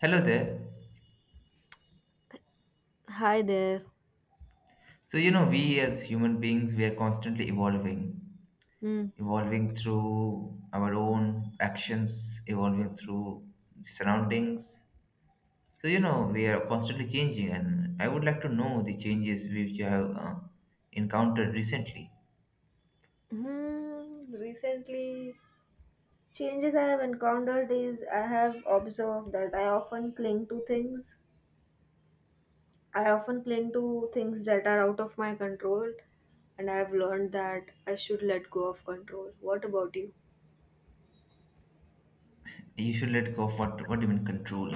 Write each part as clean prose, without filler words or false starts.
Hello there. Hi there. So, you know, we as human beings, we are constantly evolving, Mm. evolving through our own actions, evolving through surroundings. So, you know, we are constantly changing, and I would like to know the changes which you have encountered recently. Hmm. Recently, changes I have encountered is I have observed that I often cling to things. I often cling to things that are out of my control, and I have learned that I should let go of control. What about you? You should let go of what do you mean control?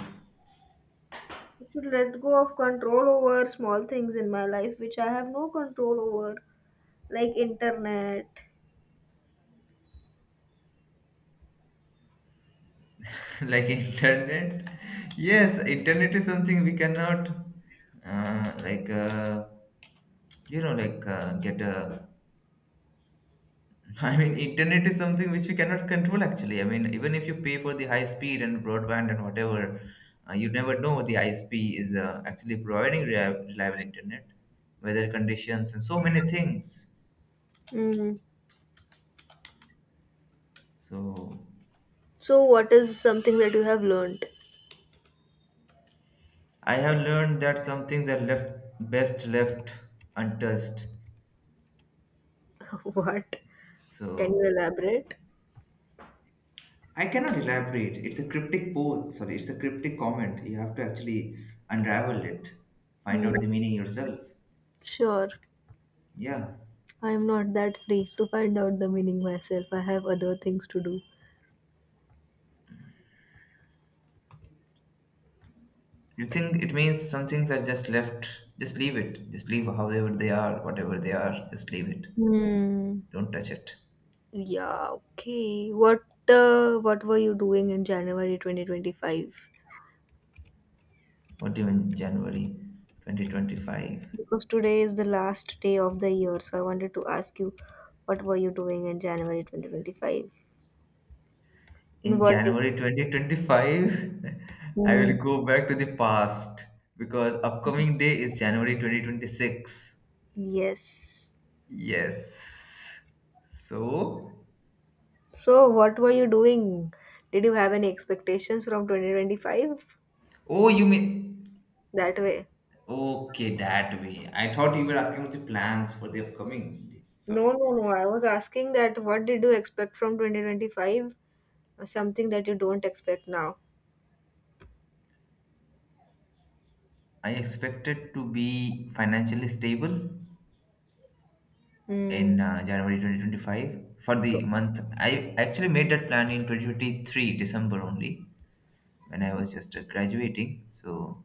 I should let go of control over small things in my life which I have no control over, like internet. Like internet? Yes, internet is something we cannot, uh, like, uh, get a I mean, internet is something which we cannot control actually. I mean, even if you pay for the high speed and broadband and whatever, you never know what the ISP is actually providing reliable internet, weather conditions, and so many things. Mm. So, So, what is something that you have learned? I have learned that some things are left best left untouched. What? Can you So, elaborate? I cannot elaborate. It's a cryptic post. Sorry, it's a cryptic comment. You have to actually unravel it, find Mm. out the meaning yourself. Sure, Yeah. I am not that free to find out the meaning myself. I have other things to do. You think it means some things are just left, just leave it, just leave however they are, whatever they are, just leave it. Hmm. Don't touch it. Yeah. Okay. What what were you doing in January 2025? What do you mean January 2025? Because today is the last day of the year, so I wanted to ask you, what were you doing in January 2025? In What? Did, January 2025, I will hmm. go back to the past because upcoming day is January 2026. Yes. Yes. So, So, what were you doing? Did you have any expectations from 2025 oh, you mean that way? okay that way? I thought you were asking about the plans for the upcoming day. No, Sorry. no, no. I was asking that what did you expect from 2025? Something that you don't expect now. I expected to be financially stable Hmm. in January 2025 for So, the month. I actually made that plan in 2023 December only when I was just graduating. So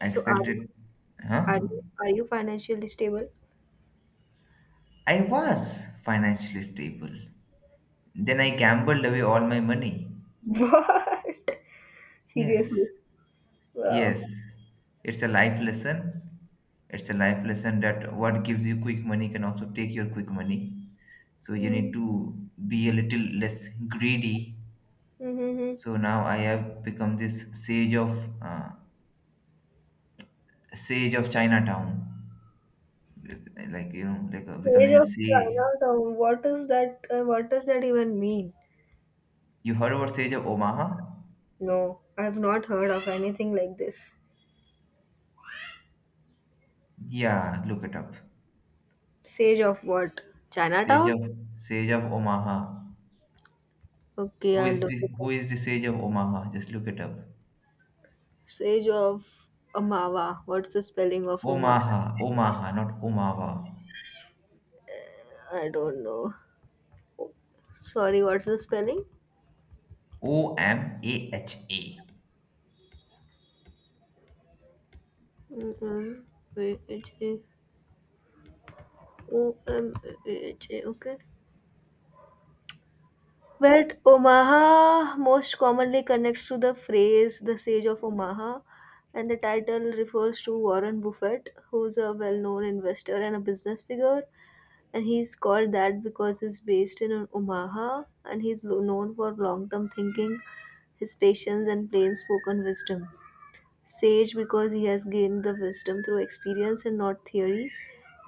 I so are you, expected, huh? Are you financially stable? I was financially stable. Then I gambled away all my money. What? Seriously? Yes, Wow. yes. It's a life lesson. It's a life lesson that what gives you quick money can also take your quick money. So you need to be a little less greedy, Mm-hmm. so now I have become this uh, sage of Chinatown, like you know, Sage becoming a of sage. Chinatown. What is that? What does that even mean? You heard about sage of Omaha? No, I have not heard of anything like this. Yeah, look it up. Sage of what? sage Chinatown? of Sage of Omaha. Okay, I'll look it up. Who is the sage of Omaha? Just look it up. Sage of Omawa. What's the spelling of Omawa? Omaha. Omaha, not Omaha. I don't know. Sorry, what's the spelling? O, M, A, H A. Omaha. Omaha, okay. But Omaha most commonly connects to the phrase the Sage of Omaha, and the title refers to Warren Buffett, who's a well known investor and a business figure. And he's called that because he's based in Omaha and he's lo- known for long term thinking, his patience, and plain spoken wisdom. Sage because he has gained the wisdom through experience and not theory,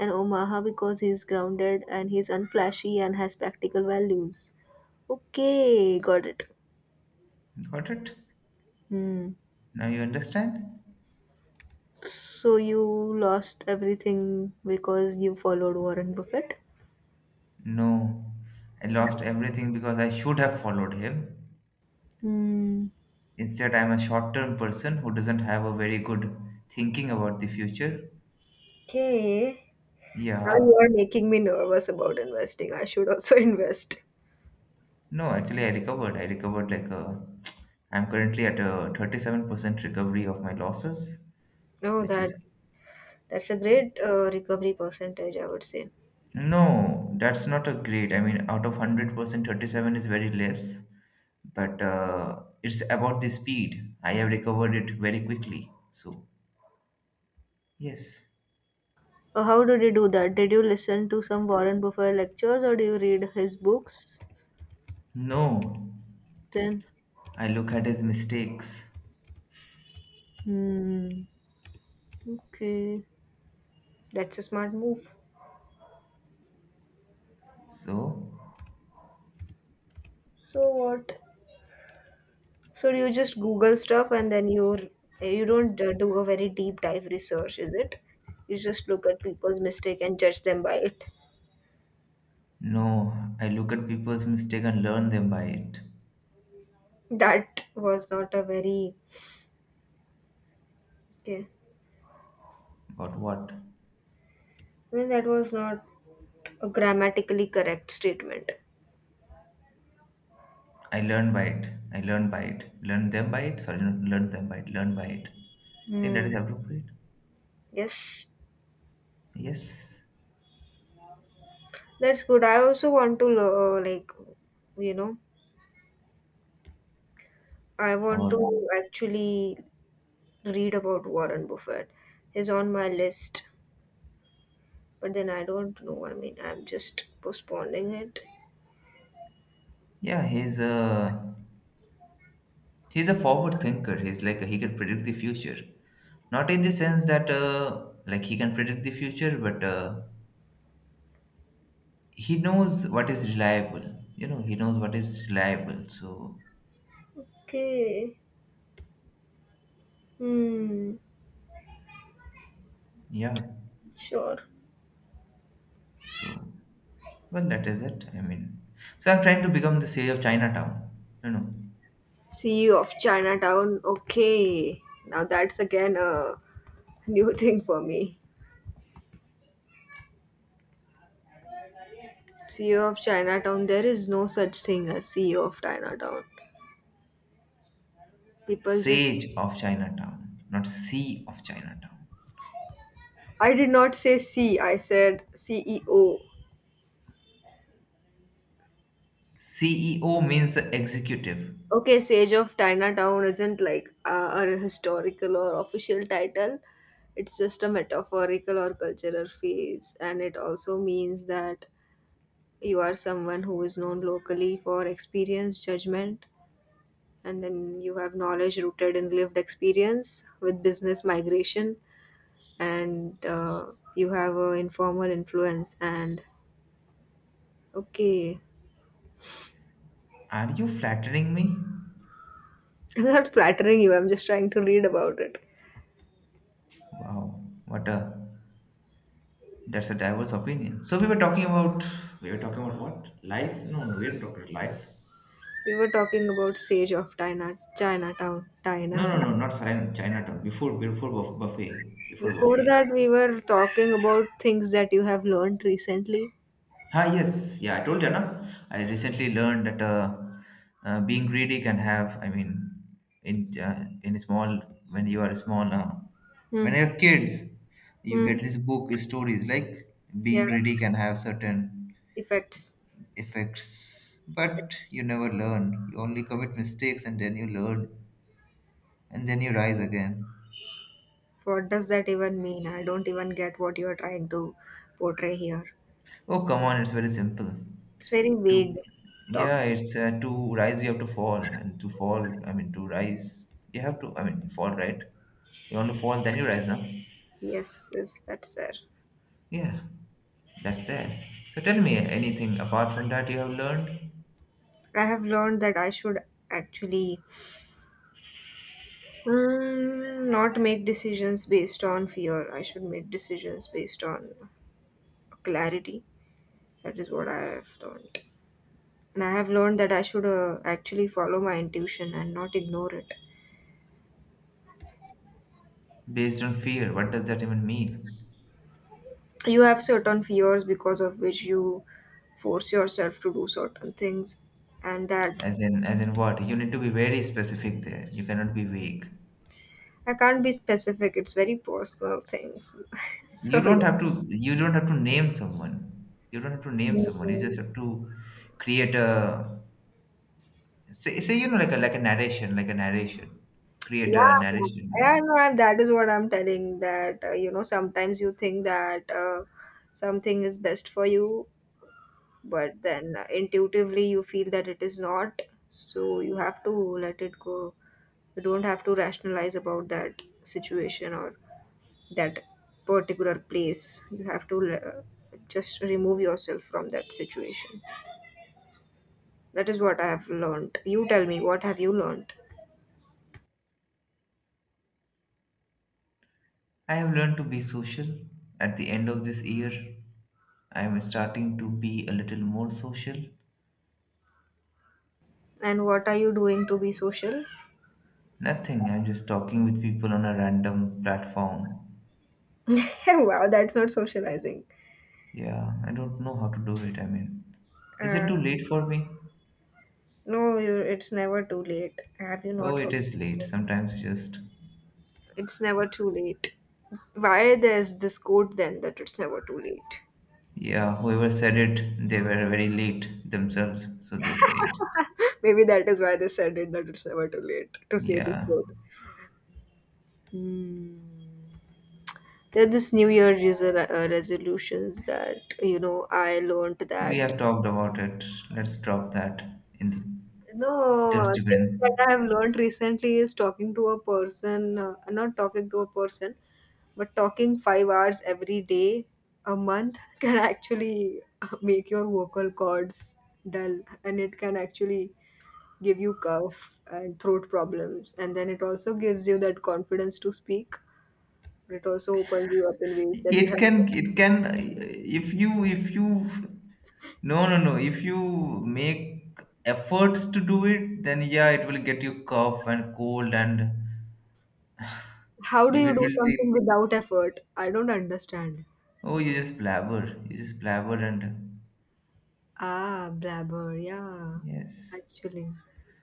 and Omaha because he is grounded and he is unflashy and has practical values. Okay, got it. Got it. Hmm. Now you understand? So you lost everything because you followed Warren Buffett? No, I lost everything because I should have followed him. Hmm. Instead, I'm a short term person who doesn't have a very good thinking about the future. Okay. Now Yeah. you are making me nervous about investing. I should also invest. No, actually, I recovered. I recovered like a. I'm currently at a 37% recovery of my losses, No, which that is. that's a great recovery percentage, I would say. No, that's not a great. I mean, out of 100%, 37 is very less. But it's about the speed. I have recovered it very quickly. So, yes. How did you do that? Did you listen to some Warren Buffett lectures or do you read his books? No. Then, I look at his mistakes. hmm, okay, that's a smart move. So, So what? So you just Google stuff and then you don't do a very deep dive research, is it? You just look at people's mistake and judge them by it. no, I look at people's mistakes and learn them by it. That was not a very okay. But what? I mean, that was not a grammatically correct statement. I learn by it. I learn by it. Learn them by it. Sorry, not learn them by it. Learn by it. I think that Hmm. is appropriate. Yes. Yes. That's good. I also want to you know, I want Or to actually read about Warren Buffett. He's on my list, but then I don't know. I mean, I'm just postponing it. yeah, he's a forward thinker. He's like he can predict the future, not in the sense that he can predict the future, but he knows what is reliable. You know, he knows what is reliable. So Okay. Hmm. yeah. Sure. So, well, that is it. I mean, so I'm trying to become the sage of Chinatown. No, no, CEO of Chinatown. Okay. Now that's again a new thing for me. CEO of Chinatown. There is no such thing as CEO of Chinatown. People just. sage of Chinatown, not C of Chinatown. I did not say C. I said CEO. CEO means executive. Okay, Sage of Chinatown isn't like a historical or official title. It's just a metaphorical or cultural phase, and it also means that you are someone who is known locally for experience, judgment, and then you have knowledge rooted in lived experience with business migration, and you have an informal influence. And okay, Are you flattering me? I'm not flattering you, I'm just trying to read about it. Wow, what a that's a diverse opinion. So we were talking about what life? No, no, we were talking about life. We were talking about Sage of Chinatown, No, no, Chinatown. no, not China, Chinatown. Before, buffet, before Before buffet. that, we were talking about things that you have learned recently. Ah, yes. Yeah, I told you, na. I recently learned that being greedy I mean, in uh, in small, when you are small, Hmm. when you're kids, you Hmm. get this book stories like Yeah. being greedy can have certain Effects. effects, but you never learn. You only commit mistakes and then you learn and then you rise again. What does that even mean? I don't even get what you are trying to portray here. Oh, come on, it's very simple. It's very To vague talk. Yeah, it's to rise you have to fall, and to fall, I mean to rise you have to, I mean fall, right? You want to fall, then you rise, huh? Yes, yes, that's there. Yeah, that's there. So tell me anything apart from that you have learned I have learned that I should actually not make decisions based on fear. I should make decisions based on clarity. That is what I have learned. And I have learned that I should actually follow my intuition and not ignore it. based on fear. What does that even mean? You have certain fears because of which you force yourself to do certain things, and that As in what? You need to be very specific there. You cannot be vague. I can't be specific, it's very personal things. You so, don't have to. You don't have to name someone. You don't have to name someone. You Mm. just have to create a Say say, you know, like a narration, create a yeah, narration yeah, there. no, I- that is what I'm telling that sometimes you think that something is best for you, but then intuitively you feel that it is not, so you have to let it go. You don't have to rationalize about that situation or that particular place. You have to just remove yourself from that situation. That is what I have learned. You tell me, what have you learned? I have learned to be social. At the end of this year, I am starting to be a little more social. And what are you doing to be social? Nothing. I'm just talking with people on a random platform. Wow, that's not socializing. Yeah, I don't know how to do it. I mean, is it uh, too late for me? no you it's never too late. Have you Oh, not it heard? is late. Sometimes you just It's never too late. Why there's this quote then that it's never too late? Yeah. Whoever said it, they were very late themselves, so they say it. Maybe that is why they said it that it's never too late to say this Yeah. quote. Hmm. There are this New Year resolutions that you know I learned We that. have talked about it. Let's drop that in the No, dustbin. things that I have learned recently is talking to a person, not talking to a person, but talking 5 hours every day a month can actually make your vocal cords dull, and it can actually give you cough and throat problems, and then it also gives you that confidence to speak, but it also opens you up in ways that you have. It can, if you, no, no, no, If you make efforts to do it, then yeah, it will get you cough and cold and How do maybe you it do will something be, without effort? I don't understand. oh, you just blabber and Ah, blabber, yeah, yes. actually.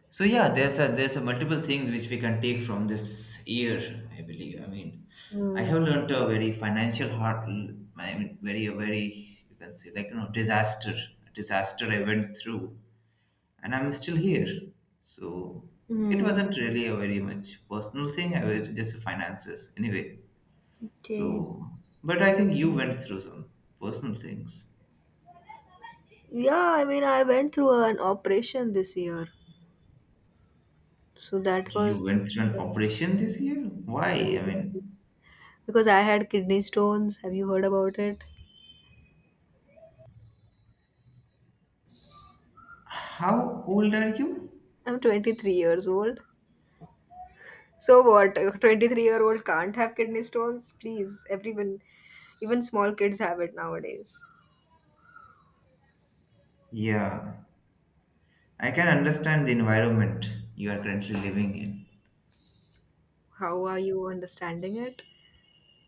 So yeah, there's a multiple things which we can take from this year. I believe. I mean, I Hmm. have learned a very financial hard. I mean, very a very, you can say, like you know, disaster, disaster I went through, and I'm still here. So it Hmm. wasn't really a very much personal thing. I was just finances anyway. Okay. So, but I think you went through some personal things. Yeah, I mean, I went through an operation this year. So that You was went through an operation this year. Why? I mean, because I had kidney stones. Have you heard about it? how old are you? I'm 23 years old. So what? A 23-year-old can't have kidney stones? Please, everyone, even small kids have it nowadays. Yeah. I can understand the environment you are currently living in. How are you understanding it?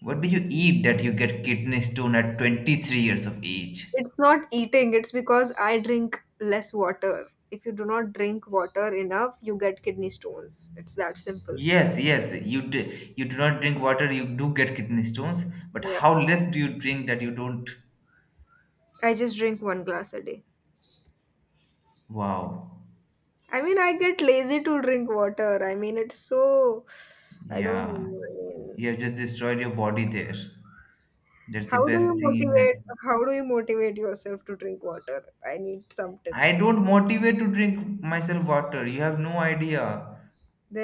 What do you eat that you get kidney stone at 23 years of age? It's not eating, it's because I drink less water. If you do not drink water enough, you get kidney stones. It's that simple. Yes, yes, you do not drink water, you do get kidney stones, but Yeah. how less do you drink that you don't? I just drink 1 glass a day. Wow. I mean, I get lazy to drink water. I mean, it's so. I don't Yeah. know. I mean, You have just destroyed your body there. That's the how do best you thing you motivate? can. How do you motivate yourself to drink water? I need some I tips. don't motivate to drink myself water. You have no idea.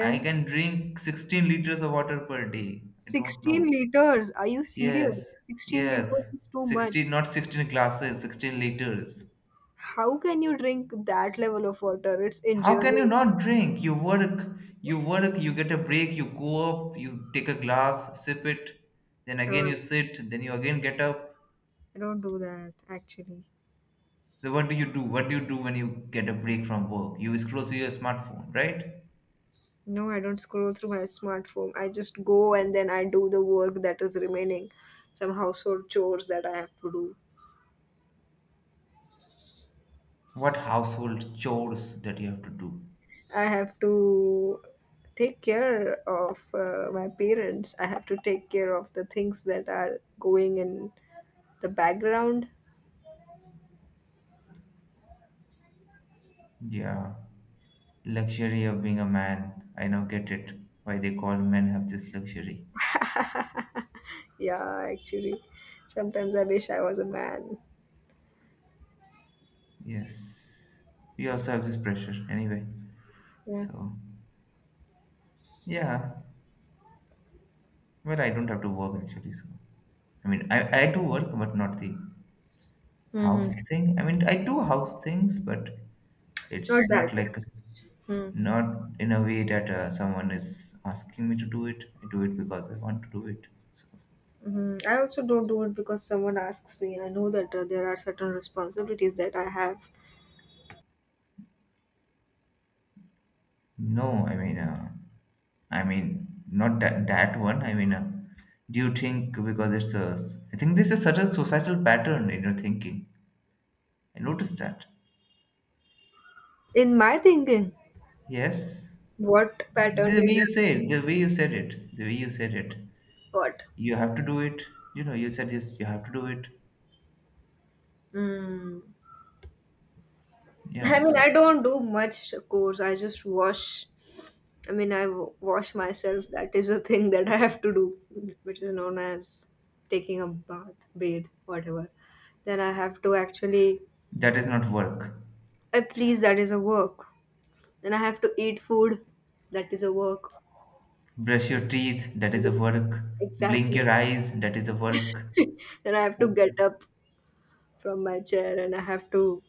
I can drink 16 liters of water per day. I don't 16 know. liters. Are you serious? Yes, 16 yes. liters is too much. 16, not 16 glasses, 16 liters. How can you drink that level of water? It's How can you injurious. not drink? You work, you get a break, you go up, you take a glass, sip it, then Uh, again you sit, then you again get up. I don't do that actually. So what do you do? What do you do when you get a break from work? You scroll through your smartphone, right? No, I don't scroll through my smartphone. I just go and then I do the work that is remaining, some household chores that I have to do. What household chores that you have to do? I have to take care of my parents. I have to take care of the things that are going in the background. Yeah. Luxury of being a man. I now get it. Why they call men have this luxury. Yeah, actually, sometimes I wish I was a man. Yes, we also have this pressure anyway. Yeah, So yeah, well, I don't have to work actually. So I mean, I do work, but not the mm-hmm, house thing. I mean, I do house things, but not it's that. not like Hmm. not in a way that someone is asking me to do it. I do it because I want to do it. So Hmm, I also don't do it because someone asks me. I know that there are certain responsibilities that I have. no, I mean, not that that one. I mean, do you think because I think there's a certain societal pattern in your thinking. I noticed that. In my thinking, Yes, what pattern did I the way you said it, the way you said it. got? You have to do it. You know, you said yes. You have to do it. Mm. I Yeah. mean, I So don't do much course. I just wash. I mean, I wash myself. That is a thing that I have to do, which is known as taking a bath, bathe, whatever. Then I have to actually, that is not work. I please, that is a work. Then I have to eat food. That is a work. Brush your teeth. That is a Yes, work. Blink exactly. your eyes. That is a work. Then I have to get up from my chair and I have to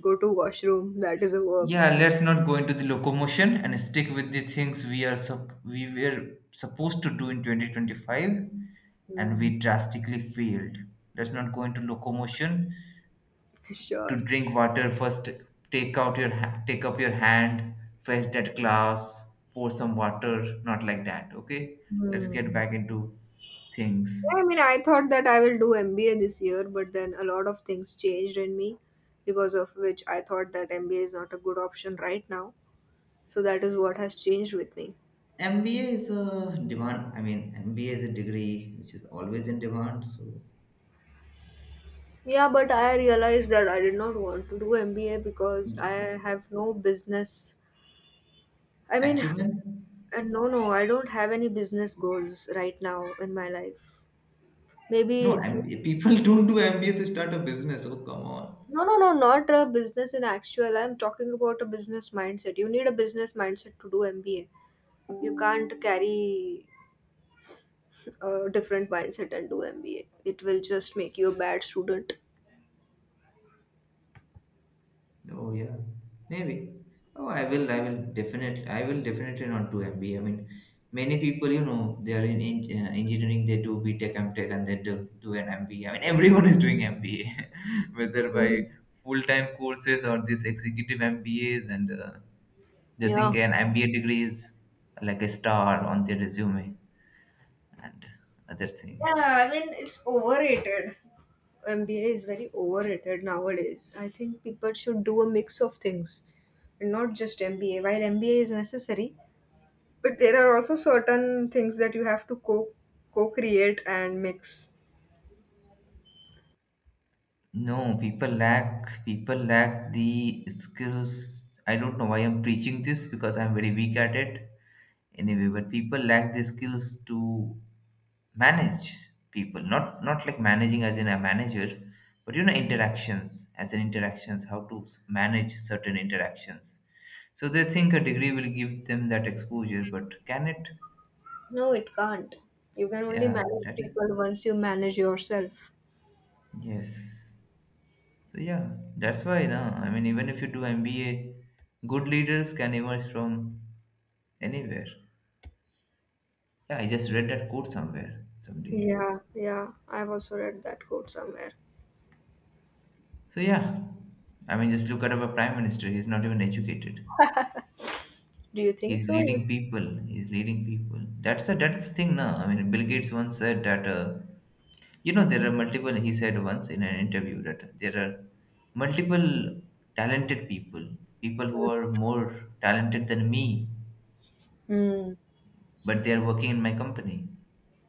go to washroom. That is a work. Yeah, let's not go into the locomotion and stick with the things we are we were supposed to do in 2025 and Hmm. we drastically failed. Let's not go into locomotion. To Sure. drink water first, take up your hand, fetch that glass, pour some water, not like that, okay? Let's get Hmm. back into things. Yeah, I mean, I thought that I will do MBA this year, but then a lot of things changed in me because of which I thought that MBA is not a good option right now. So that is what has changed with me. MBA is a demand, I mean, MBA is a degree which is always in demand, so Yeah, but I realized that I did not want to do MBA because I have no business. I mean, acumen. uh, no, no, I don't have any business goals right now in my life. Maybe, No, if you- MBA. People don't do MBA to start a business. Oh, come on. no, no, no, not a business in actual. I'm talking about a business mindset. You need a business mindset to do MBA. You can't carry a different mindset and do MBA. It will just make you a bad student. Oh, yeah. Maybe. Oh, I will. I will definitely. I will definitely not do MBA. I mean, many people, you know, they are in, engineering. They do BTech, MTech, and they do an MBA. I mean, everyone is doing MBA, whether by Mm. full-time courses or this executive MBAs, and they Yeah. think an MBA degree is like a star on their resume and other Yeah, things. I mean, it's overrated. MBA is very overrated nowadays. I think people should do a mix of things and not just MBA. While MBA is necessary, but there are also certain things that you have to co create and mix. No, people lack the skills. I don't know why I'm preaching this because I'm very weak at it anyway, but people lack the skills to manage people. Not like managing as in a manager, but you know interactions as in interactions, how to manage certain interactions. So they think a degree will give them that exposure, but can it? No, it can't. You can only Yeah, manage that is people once you manage yourself. yes. So yeah, that's why na. I mean, even if you do MBA, good leaders can emerge from anywhere. Yeah, I just read that quote somewhere someday. Yeah, yeah. I've also read that quote somewhere. So yeah, I mean, just look at our prime minister. He's not even educated. Do you think He's so? leading people. He's leading people. That's the thing now. I mean, Bill Gates once said that you know there are multiple. He said once in an interview that there are multiple talented people, people who are more talented than me Hmm. but they are working in my company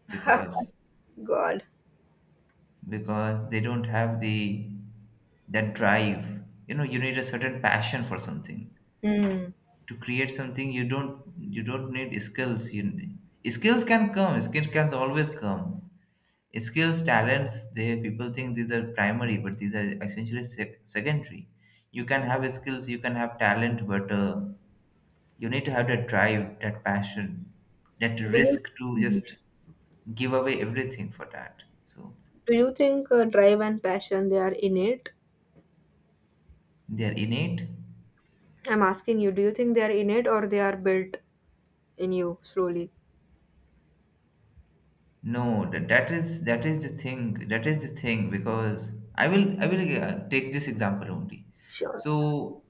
because God. because they don't have the that drive. You know, you need a certain passion for something Hmm. to create something. You don't need skills. Skills can come. Skills can always come. Skills, talents, they, people think these are primary, but these are essentially secondary. You can have skills, you can have talent, but you need to have that drive, that passion, that Do you? risk to Mhm. just give away everything for that. So Do you think drive and passion they are innate? they are innate. I'm asking you, do you think they are innate or they are built in you slowly? No, that is the thing. That is the thing because I will take this example only. Sure. So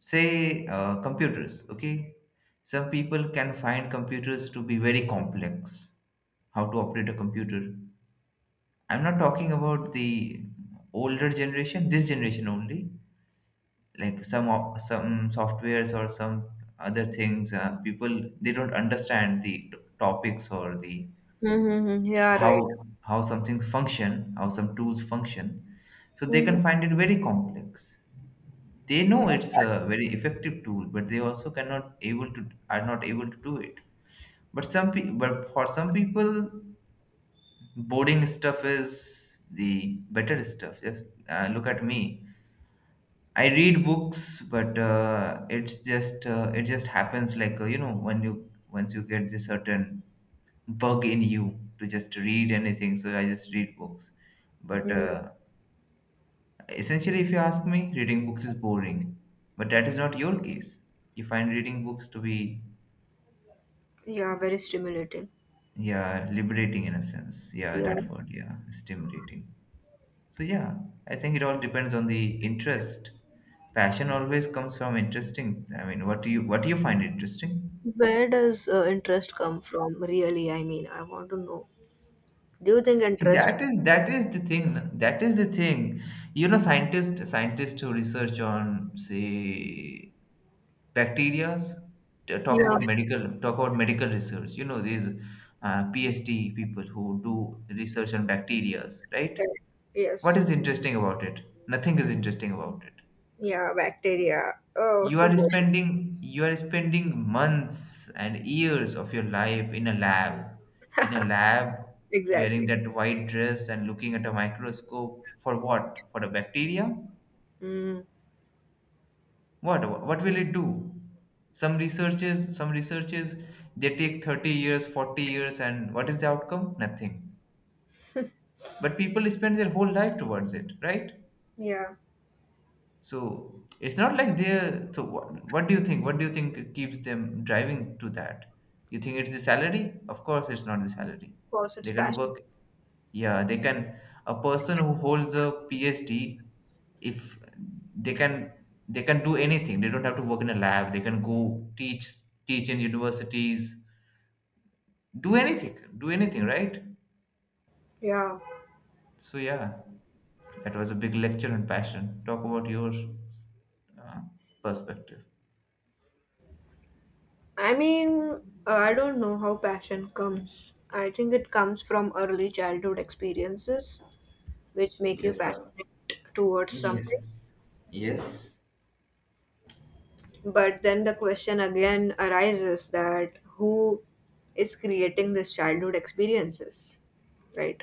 say computers. Okay, some people can find computers to be very complex. How to operate a computer. I'm not talking about the older generation, this generation only. Like some softwares or some other things, people, they don't understand the topics or the Mm-hmm. Yeah, right. How some things function, how some tools function, so they Mm-hmm. can find it very complex. They know it's a very effective tool, but they also cannot able to are not able to do it. But for some people boring stuff is the better stuff. Just look at me. I read books, but it's just it just happens like you know when you once you get this certain bug in you to just read anything. So I just read books, but Mm. Essentially, if you ask me, reading books is boring. But that is not your case. You find reading books to be Yeah, very stimulating. yeah, liberating in a sense. Yeah, Yeah. that word. Yeah, stimulating. So yeah, I think it all depends on the interest. Passion always comes from interesting. I mean, what do you find interesting? Where does interest come from, really? I mean, I want to know. Do you think interest? That is the thing. That is the thing. You know, scientists who research on say bacterias, Yeah. Talk about medical research. You know, these PhD people who do research on bacterias, right? Right. What Yes. is interesting about it? Nothing is interesting about it. Yeah, bacteria. Oh, you so are boring. spending you are spending months and years of your life in a lab, in a lab, wearing Exactly. that white dress and looking at a microscope for what, for a bacteria. Mm. What will it do? Some researches they take 30 years, 40 years, and what is the outcome? Nothing. But people spend their whole life towards it, right? Yeah. So it's not like they're. So what do you think? What do you think keeps them driving to that? You think it's the salary? Of course, it's not the salary. Of course, it's They can passion. work. Yeah, they can. A person who holds a PhD, if they can, they can do anything. They don't have to work in a lab. They can go teach, teach in universities, do anything, right? Yeah. So yeah, that was a big lecture on passion. Talk about your uh, perspective. I mean, I don't know how passion comes. I think it comes from early childhood experiences, which make you Yes, sir. passionate towards something. Yes. Yes. But then the question again arises that who is creating this childhood experiences, right?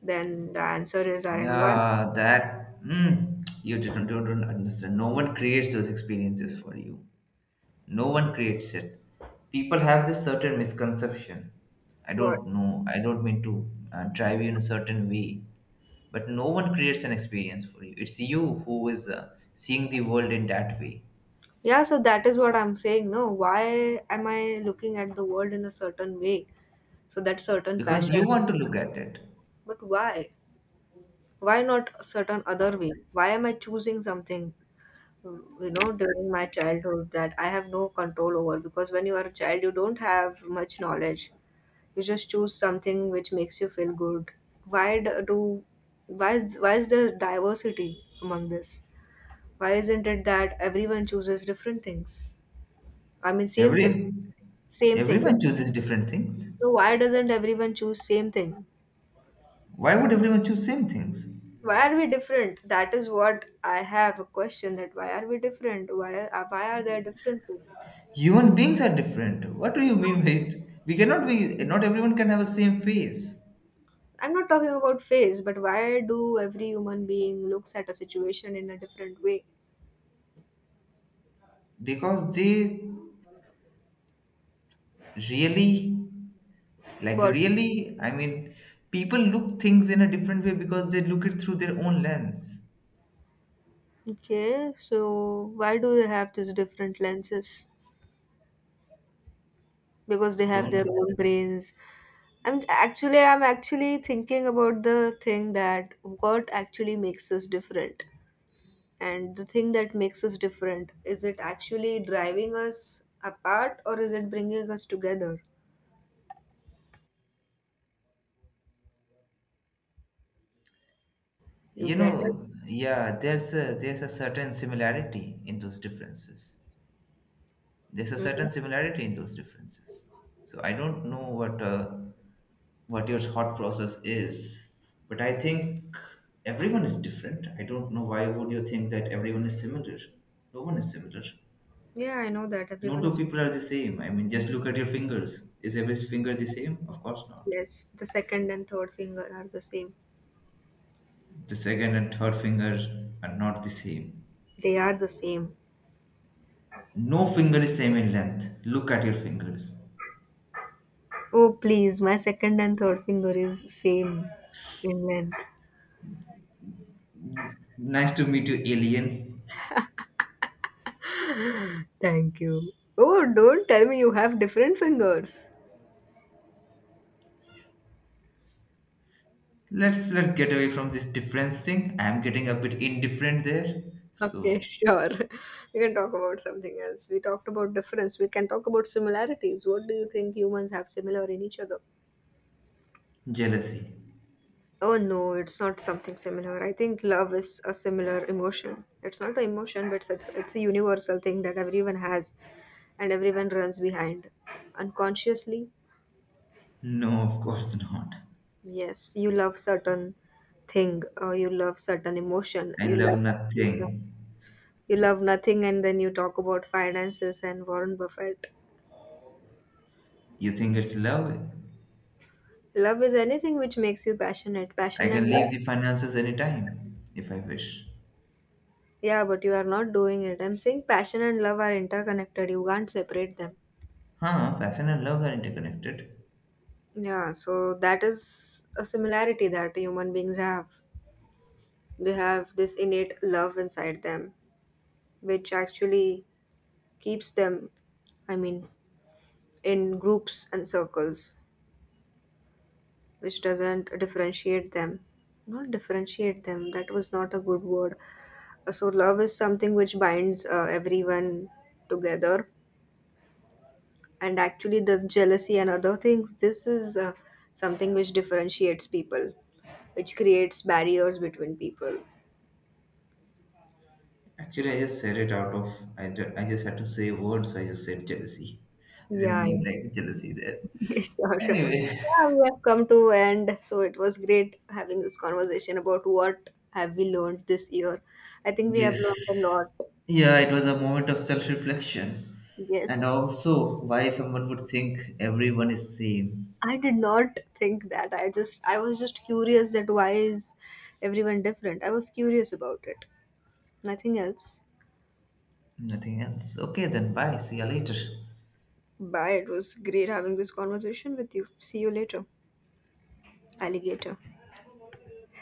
Then the answer is our environment. Yeah, that mm, you didn't don't understand. No one creates those experiences for you. No one creates it. People have this certain misconception. I What? don't know. I don't mean to drive you in a certain way, but no one creates an experience for you. It's you who is seeing the world in that way Yeah, so that is what I'm saying. No, why am I looking at the world in a certain way? So that certain because passion, you want to look at it. but why? Why not a certain other way? Why am I choosing something, during my childhood that I have no control over? Because when you are a child, you don't have much knowledge. You just choose something which makes you feel good. Why d- do, why is there diversity among this? Why isn't it that everyone chooses different things? I mean, same thing, Every same thing. everyone chooses different things. So why doesn't everyone choose same thing? Why would everyone choose same things? Why are we different? That is what I have a question, that why are we different, why are there differences? Human beings are different. What do you mean with? We cannot be. Not everyone can have a same face I'm not talking about face, but why do every human being looks at a situation in a different way? because they really, like But really. I mean, people look things in a different way because they look it through their own lens. Okay, so why do they have these different lenses? Because they have Don't their own brains. I'm actually thinking about the thing that what actually makes us different. And the thing that makes us different, is it actually driving us apart or is it bringing us together? You you get it? know? Yeah, there's a certain similarity in those differences. There's a certain Mhm. similarity in those differences. So I don't know what your thought process is, but I think everyone is different. I don't know why would you think that everyone is similar. No one is similar. Yeah, I know that No everyone two is. people are the same. I mean, just look at your fingers. Is every finger the same? Of course not. Yes, the second and third finger are the same. The second and third finger are not the same. They are the same. No finger is same in length. Look at your fingers. Oh, please, my second and third finger is same in length. Nice to meet you, alien. Thank you. Oh, don't tell me you have different fingers. Let's get away from this difference thing. I'm getting a bit indifferent there. Okay, So sure. We can talk about something else. We talked about difference. We can talk about similarities. What do you think humans have similar in each other? jealousy. Oh no, it's not something similar. I think love is a similar emotion. It's not an emotion, but it's a universal thing that everyone has and everyone runs behind. Unconsciously, No, of course not. yes, you love certain thing, or you love certain emotion, I love nothing. you love nothing, and then you talk about finances and Warren Buffett. You think it's love? Love is anything which makes you passionate. I Passion and can love, leave the finances anytime if I wish. yeah, but you are not doing it. I'm saying passion and love are interconnected. You can't separate them. Huh? Passion and love are interconnected. Yeah, so that is a similarity that human beings have. They have this innate love inside them, which actually keeps them, I mean, in groups and circles, which doesn't differentiate them. Not differentiate them, that was not a good word. So, love is something which binds everyone together. And actually, the jealousy and other things, this is something which differentiates people, which creates barriers between people. Actually, I just said it out of. I just had to say words. So I just said jealousy. I didn't Yeah, yeah. mean like jealousy there. Sure, sure. Anyway, Yeah, we have come to end. So it was great having this conversation about what have we learned this year. I think we have learned a yes. lot. Yeah, it was a moment of self-reflection and Yes. also why someone would think everyone is same. I did not think that. I was just curious that why is everyone different? I was curious about it. Nothing else. Nothing else. Okay, then bye. See you later. Bye. It was great having this conversation with you. See you later, alligator.